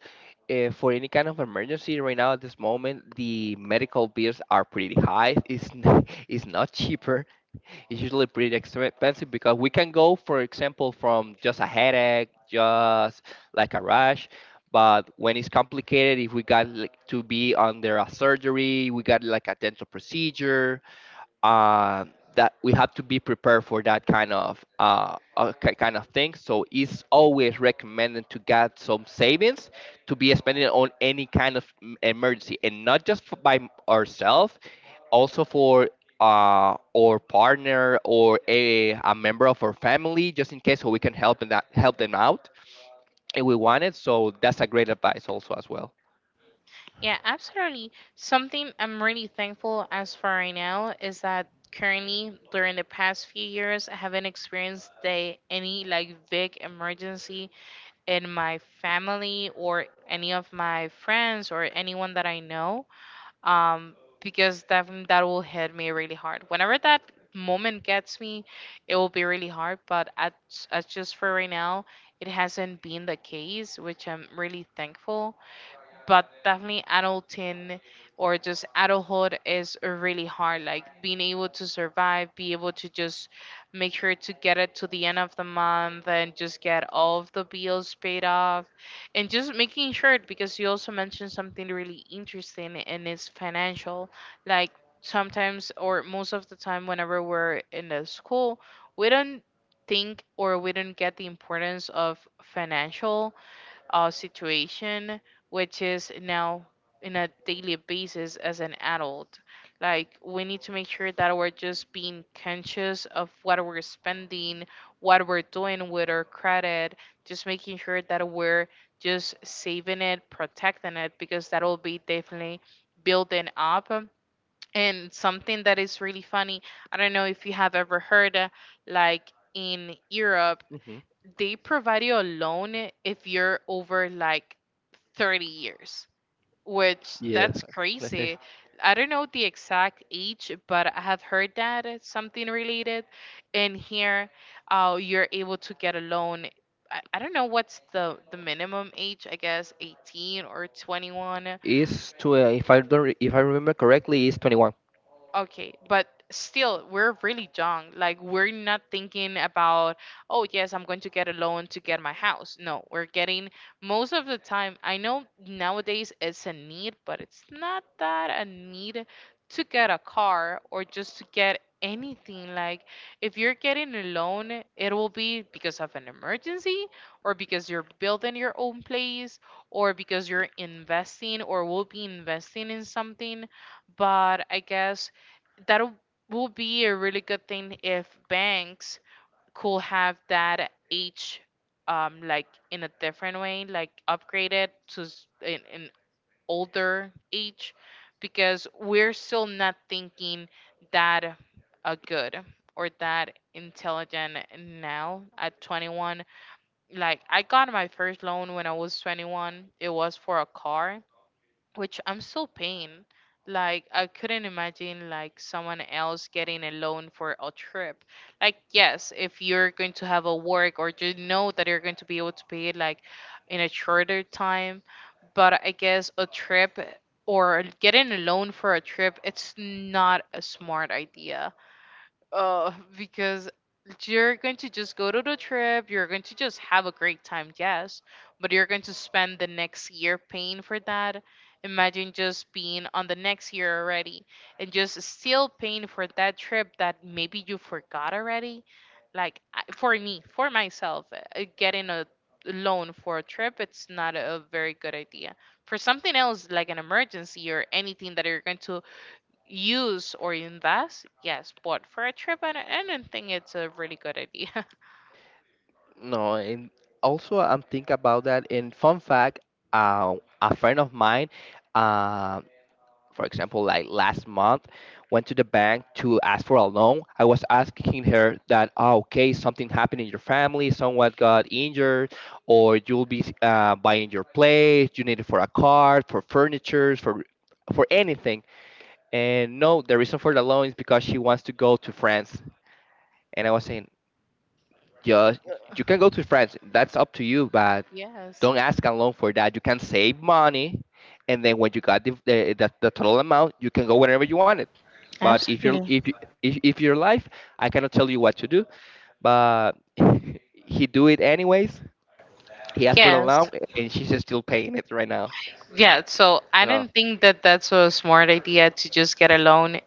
S1: uh, for any kind of emergency right now at this moment, the medical bills are pretty high. It's n- it's not cheaper. It's usually pretty expensive, because we can go, for example, from just a headache, just like a rash. But when it's complicated, if we got like, to be under a surgery, we got like a dental procedure, uh, that we have to be prepared for that kind of uh, uh, ki- kind of thing. So it's always recommended to get some savings to be spending on any kind of m- emergency, and not just for, by ourselves, also for uh, our partner, or a, a member of our family, just in case, so we can help them that help them out if we want it. So that's a great advice also as well.
S2: Yeah, absolutely. Something I'm really thankful as for right now, is that currently during the past few years I haven't experienced the, any like big emergency in my family or any of my friends or anyone that I know. um, because definitely that will hit me really hard. Whenever that moment gets me, it will be really hard. But at, at just for right now, it hasn't been the case, which I'm really thankful. But definitely adulting, or just adulthood is really hard. Like being able to survive, be able to just make sure to get it to the end of the month and just get all of the bills paid off. And just making sure, because you also mentioned something really interesting, and it's financial. Like, sometimes or most of the time whenever we're in the school, we don't think or we don't get the importance of financial uh, situation, which is now in a daily basis as an adult. Like, we need to make sure that we're just being conscious of what we're spending, what we're doing with our credit, just making sure that we're just saving it, protecting it, because that will be definitely building up. And something that is really funny, I don't know if you have ever heard, uh, like in Europe,
S1: Hmm.
S2: they provide you a loan if you're over like thirty years, which
S1: Yeah,
S2: that's
S1: let's.
S2: crazy. I don't know the exact age, but I have heard that it's something related. And here, uh, you're able to get a loan. I, I don't know what's the, the minimum age, I guess eighteen or twenty-one.
S1: Is to uh, if I don't re- if I remember correctly, is twenty one.
S2: Okay, but still, we're really young. Like, we're not thinking about, oh, yes, I'm going to get a loan to get my house. No, we're getting most of the time. I know nowadays it's a need, but it's not that a need to get a car or just to get anything. Like, if you're getting a loan, it will be because of an emergency, or because you're building your own place, or because you're investing or will be investing in something. But I guess that would be a really good thing if banks could have that age, um like in a different way, like upgraded to s- an, an older age. Because we're still not thinking that uh, good or that intelligent now at twenty-one. Like, I got my first loan when I was twenty-one, it was for a car, which I'm so pained. Like, I couldn't imagine like someone else getting a loan for a trip. Like yes, if you're going to have a work or you know that you're going to be able to pay it like in a shorter time, but I guess a trip or getting a loan for a trip, it's not a smart idea uh, because you're going to just go to the trip, you're going to just have a great time, yes, but you're going to spend the next year paying for that. Imagine just being on the next year already and just still paying for that trip that maybe you forgot already. Like I- for me, for myself, uh, getting a loan for a trip, it's not a very good idea. For something else like an emergency or anything that you're going to use or invest, yes, but for a trip, I don't, I don't think it's a really good idea.
S1: No, and also I'm thinking about that. And fun fact, uh, a friend of mine, uh, for example, like last month, went to the bank to ask for a loan. I was asking her that, oh, okay, something happened in your family, someone got injured, or you'll be uh, buying your place, you need it for a car, for furniture, for for anything. And no, the reason for the loan is because she wants to go to France. And I was saying, just you can go to France. That's up to you, but
S2: Yes,
S1: don't ask a loan for that. You can save money, and then when you got the the, the, the total amount, you can go whenever you want it. But if you're
S2: absolutely.
S1: if you, if if your life, I cannot tell you what to do. But he do it anyways. He asked for the
S2: Yes.
S1: loan, and she's just still paying it right now.
S2: Yeah, so I
S1: So.
S2: don't think that that's a smart idea to just get a loan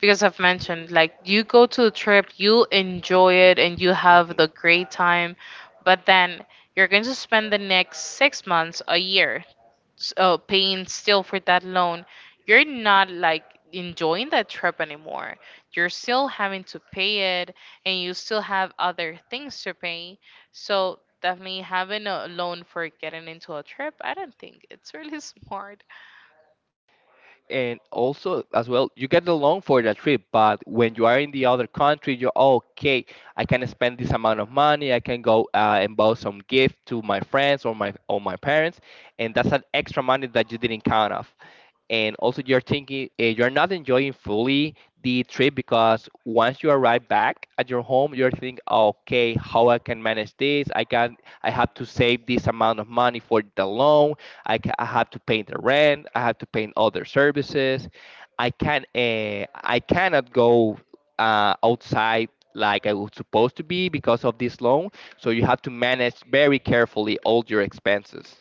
S2: because I've mentioned like you go to a trip, you enjoy it and you have
S1: Mhm.
S2: the great time, but then you're going to spend the next six months, a year s- uh, paying still for that loan, you're not like enjoying that trip anymore. You're still having to pay it, and you still have other things to pay. So definitely having a loan for getting into a trip, I don't think it's really smart.
S1: And also as well, you get the loan for that trip, but when you are in the other country, you're okay, I can spend this amount of money, I can go uh, and buy some gift to my friends, or my or my parents. And that's an extra money that you didn't count off. And also you're thinking uh, you're not enjoying fully the trip, because once you arrive back at your home, you're thinking okay, how I can manage this, i can I have to save this amount of money for the loan, i, ca- I have to pay the rent, I have to pay other services, i can uh, I cannot go uh, outside like I was supposed to be, because of this loan. So you have to manage very carefully all your expenses.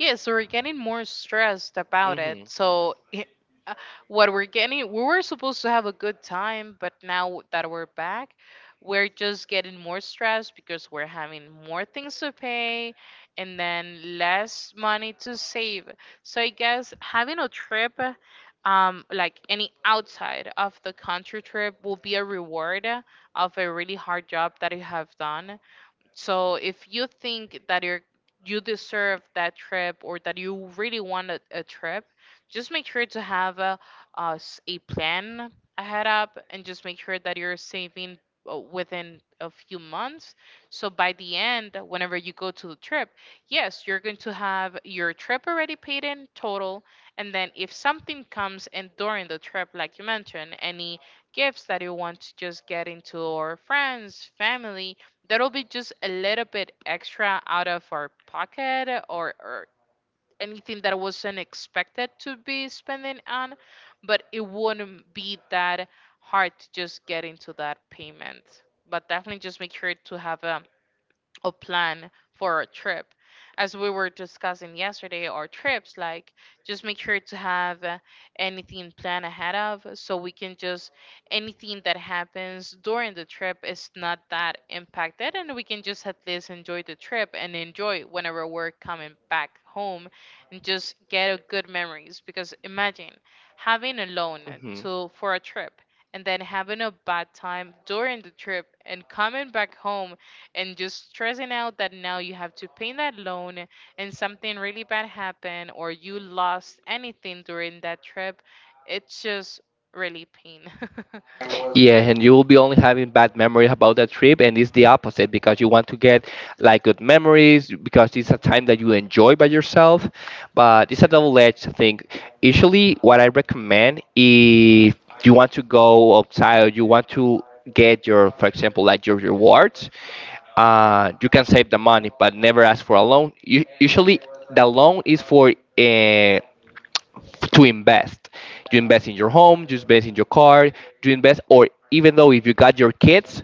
S2: Yeah, so we're getting more stressed about
S1: Hmm.
S2: it. So i- uh, what we're getting, we were supposed to have a good time, but now that we're back, we're just getting more stressed because we're having more things to pay and then less money to save. So I guess having a trip, um, like any outside of the country trip, will be a reward of a really hard job that you have done. So if you think that you're you deserve that trip or that you really want a, a trip, just make sure to have a, uh, s- a plan ahead up and just make sure that you're saving uh, within a few months. So by the end, whenever you go to the trip, yes, you're going to have your trip already paid in total. And then if something comes in during the trip, like you mentioned, any gifts that you want to just get into or friends, family, that'll be just a little bit extra out of our pocket or, or anything that wasn't expected to be spending on, but it wouldn't be that hard to just get into that payment. But definitely just make sure to have a, a plan for our trip. As we were discussing yesterday, our trips, like just make sure to have uh, anything planned ahead of so we can just anything that happens during the trip is not that impacted, and we can just at least enjoy the trip and enjoy whenever we're coming back home and just get a good memories because imagine having a loan to for a trip and then having a bad time during the trip and coming back home and just stressing out that now you have to pay that loan and something really bad happened or you lost anything during that trip, it's just really pain.
S1: Yeah, and you will be only having bad memories about that trip, and it's the opposite, because you want to get like good memories, because it's a time that you enjoy by yourself. But it's a double-edged thing. Usually, what I recommend, if you want to go outside, or you want to get your, for example, like your rewards, uh, you can save the money, but never ask for a loan. U- usually, the loan is for uh, to invest. You invest in your home, you invest in your car, you invest, or even though if you got your kids,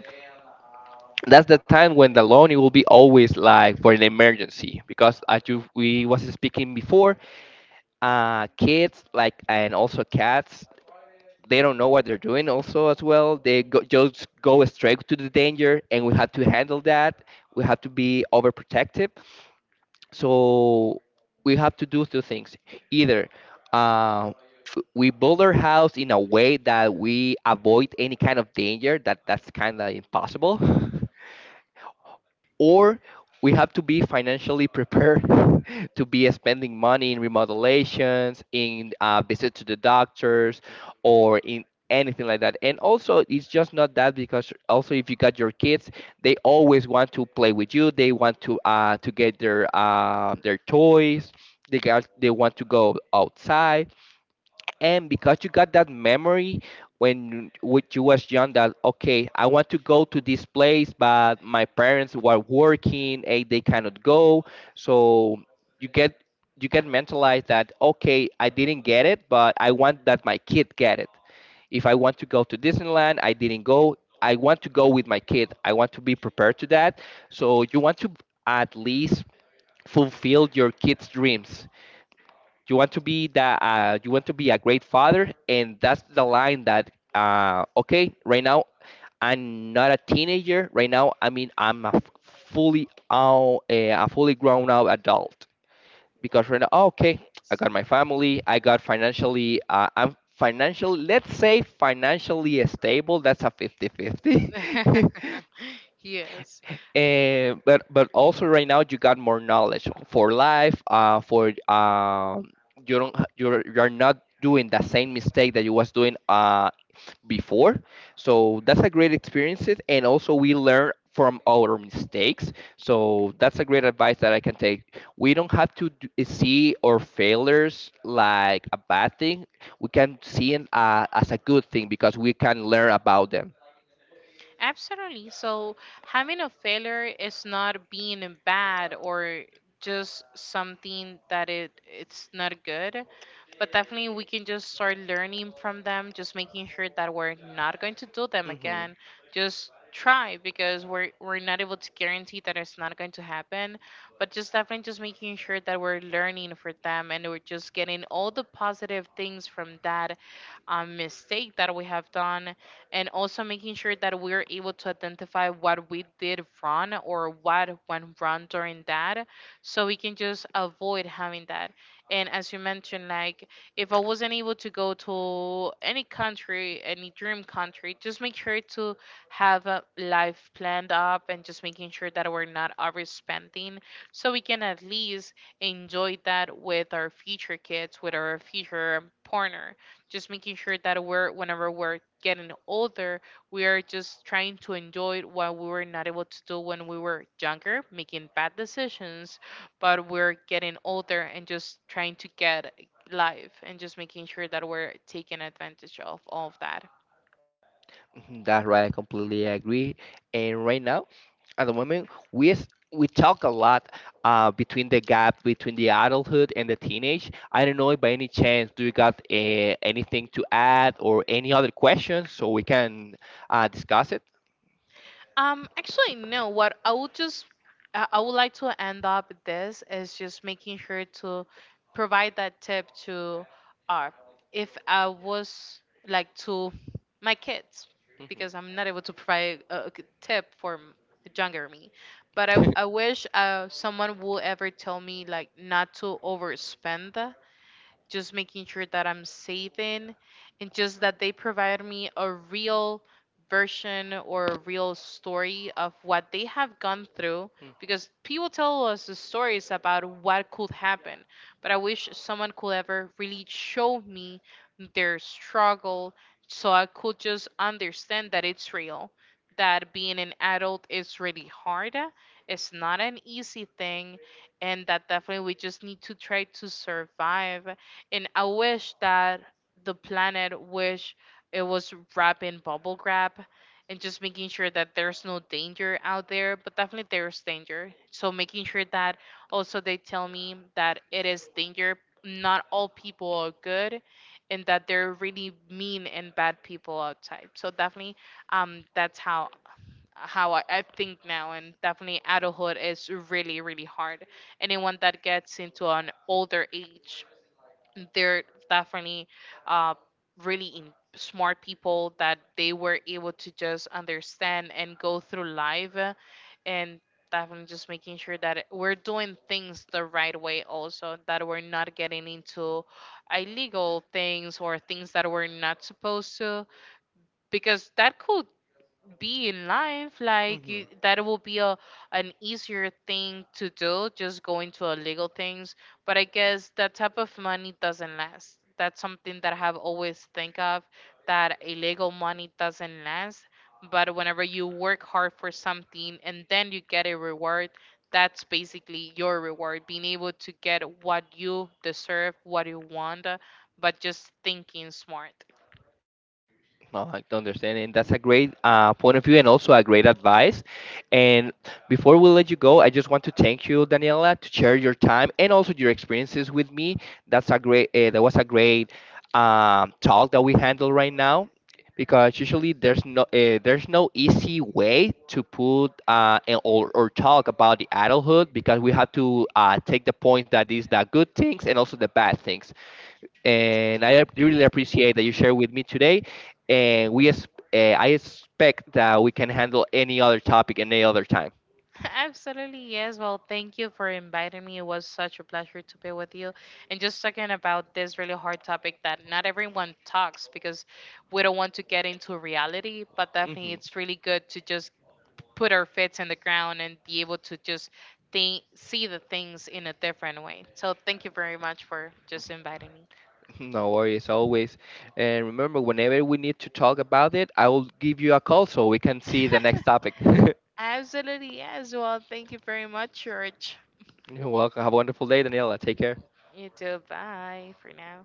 S1: that's the time when the loan it will be always like for an emergency, because as you we was speaking before, uh, kids like and also cats, they don't know what they're doing also as well, they go, just go straight to the danger, and we have to handle that, we have to be overprotective. So we have to do two things. Either uh, we build our house in a way that we avoid any kind of danger, that that's kind of impossible. Or we have to be financially prepared to be spending money in remodelations, in uh, visit to the doctors, or in anything like that. And also, it's just not that, because also if you got your kids, they always want to play with you. They want to uh, to get their uh, their toys. They got they want to go outside. And because you got that memory, when when you was young, that okay, I want to go to this place but my parents were working and they cannot go. So you get, you get mentalized that okay, I didn't get it, but I want that my kid get it. If I want to go to Disneyland, I didn't go, I want to go with my kid, I want to be prepared to that. So you want to at least fulfill your kids dreams, you want to be that uh, you want to be a great father. And that's the line that uh, okay, right now I'm not a teenager right now, I mean, I'm a f- fully out uh, a fully grown out adult. Because right now, oh, okay, I
S2: Yes.
S1: got my family, I got financially uh, I'm financially, let's say financially stable, that's a fifty-fifty.
S2: Yes.
S1: Eh, but but also right now you got more knowledge for life. Uh, for um, you don't ha- you're you're not doing the same mistake that you was doing uh before. So that's a great experience, and also we learn from our mistakes. So that's a great advice that I can take. We don't have to d- see our failures like a bad thing. We can see it uh, as a good thing, because we can learn about them.
S2: Absolutely. So having a failure is not being bad or just something that it it's not good. But definitely we can just start learning from them, just making sure that we're not going to do them
S1: Hmm.
S2: again. Just try because we're we're not able to guarantee that it's not going to happen. But just definitely just making sure that we're learning for them, and we're just getting all the positive things from that um, mistake that we have done and also making sure that we're able to identify what we did wrong or what went wrong during that, so we can just avoid having that. And as you mentioned, like if I wasn't able to go to any country, any dream country, just make sure to have a life planned up and just making sure that we're not overspending, so we can at least enjoy that with our future kids, with our future partner, just making sure that we're whenever we're getting older, we are just trying to enjoy what we were not able to do when we were younger, making bad decisions, but we're getting older and just trying to get life and just making sure that we're taking advantage of all of that.
S1: Mhm, that's right. I completely agree. And right now, at the moment, we s- we talk a lot uh, between the gap between the adulthood and the teenage. I don't know if by any chance do you got uh, anything to add or any other questions, so we can uh, discuss it.
S2: Um, actually, no. What I would just, I I would like to end up with this is just making sure to provide that tip to, uh, if I was like to my kids, because I'm not able to provide a, a good tip for m- the younger me. But I,
S1: Mhm.
S2: I wish uh, someone will ever tell me like not to overspend, just making sure that I'm saving and just that they provide me a real version or a real story of what they have gone through because people tell us the stories about what could happen, but I wish someone could ever really show me their struggle, so I could just understand that it's real, that being an adult is really hard, it's not an easy thing, and that definitely we just need to try to survive. And I wish that the planet wish it was wrapped in bubble wrap and just making sure that there's no danger out there, but definitely there's danger. So making sure that also they tell me that it is danger. Not all people are good, and that there are really mean and bad people outside. So definitely, um, that's how how I, I think now, and definitely adulthood is really really hard. Anyone that gets into an older age, they're definitely uh, really in smart people that they were able to just understand and go through life uh, and definitely just making sure that it- we're doing things the right way, also that we're not getting into illegal things or things that we're not supposed to, because that could be in life like you, that will be a an easier thing to do, just going to illegal things. But I guess that type of money doesn't last. That's something that I have always think of, that illegal money doesn't last. But whenever you work hard for something and then you get a reward, that's basically your reward, being able to get what you deserve, what you want, uh, but just thinking smart.
S1: Well, I understand, and that's a great uh, point of view and also a great advice. And before we let you go, I just want to thank you, Daniela, to share your time and also your experiences with me. That's a great. Uh, that was a great um, talk that we handle right now, because usually there's no uh, there's no easy way to put uh, and- or or talk about the adulthood, because we have to uh, take the point that is the good things and also the bad things. And I ap- really appreciate that you share with me today. And we, es- uh, I expect that we can handle any other topic any other time.
S2: Absolutely, yes. Well, thank you for inviting me. It was such a pleasure to be with you. And just talking about this really hard topic that not everyone talks because we don't want to get into reality, but definitely
S1: Hmm.
S2: it's really good to just put our feet in the ground and be able to just think, see the things in a different way. So thank you very much for just inviting me.
S1: No worries, always. And remember, whenever we need to talk about it, I will give you a call so we can see the next topic. You're
S2: Absolutely, yes. Well, thank you very much, George.
S1: welcome. Have a wonderful day, Daniela. Take care.
S2: You too. Bye for now.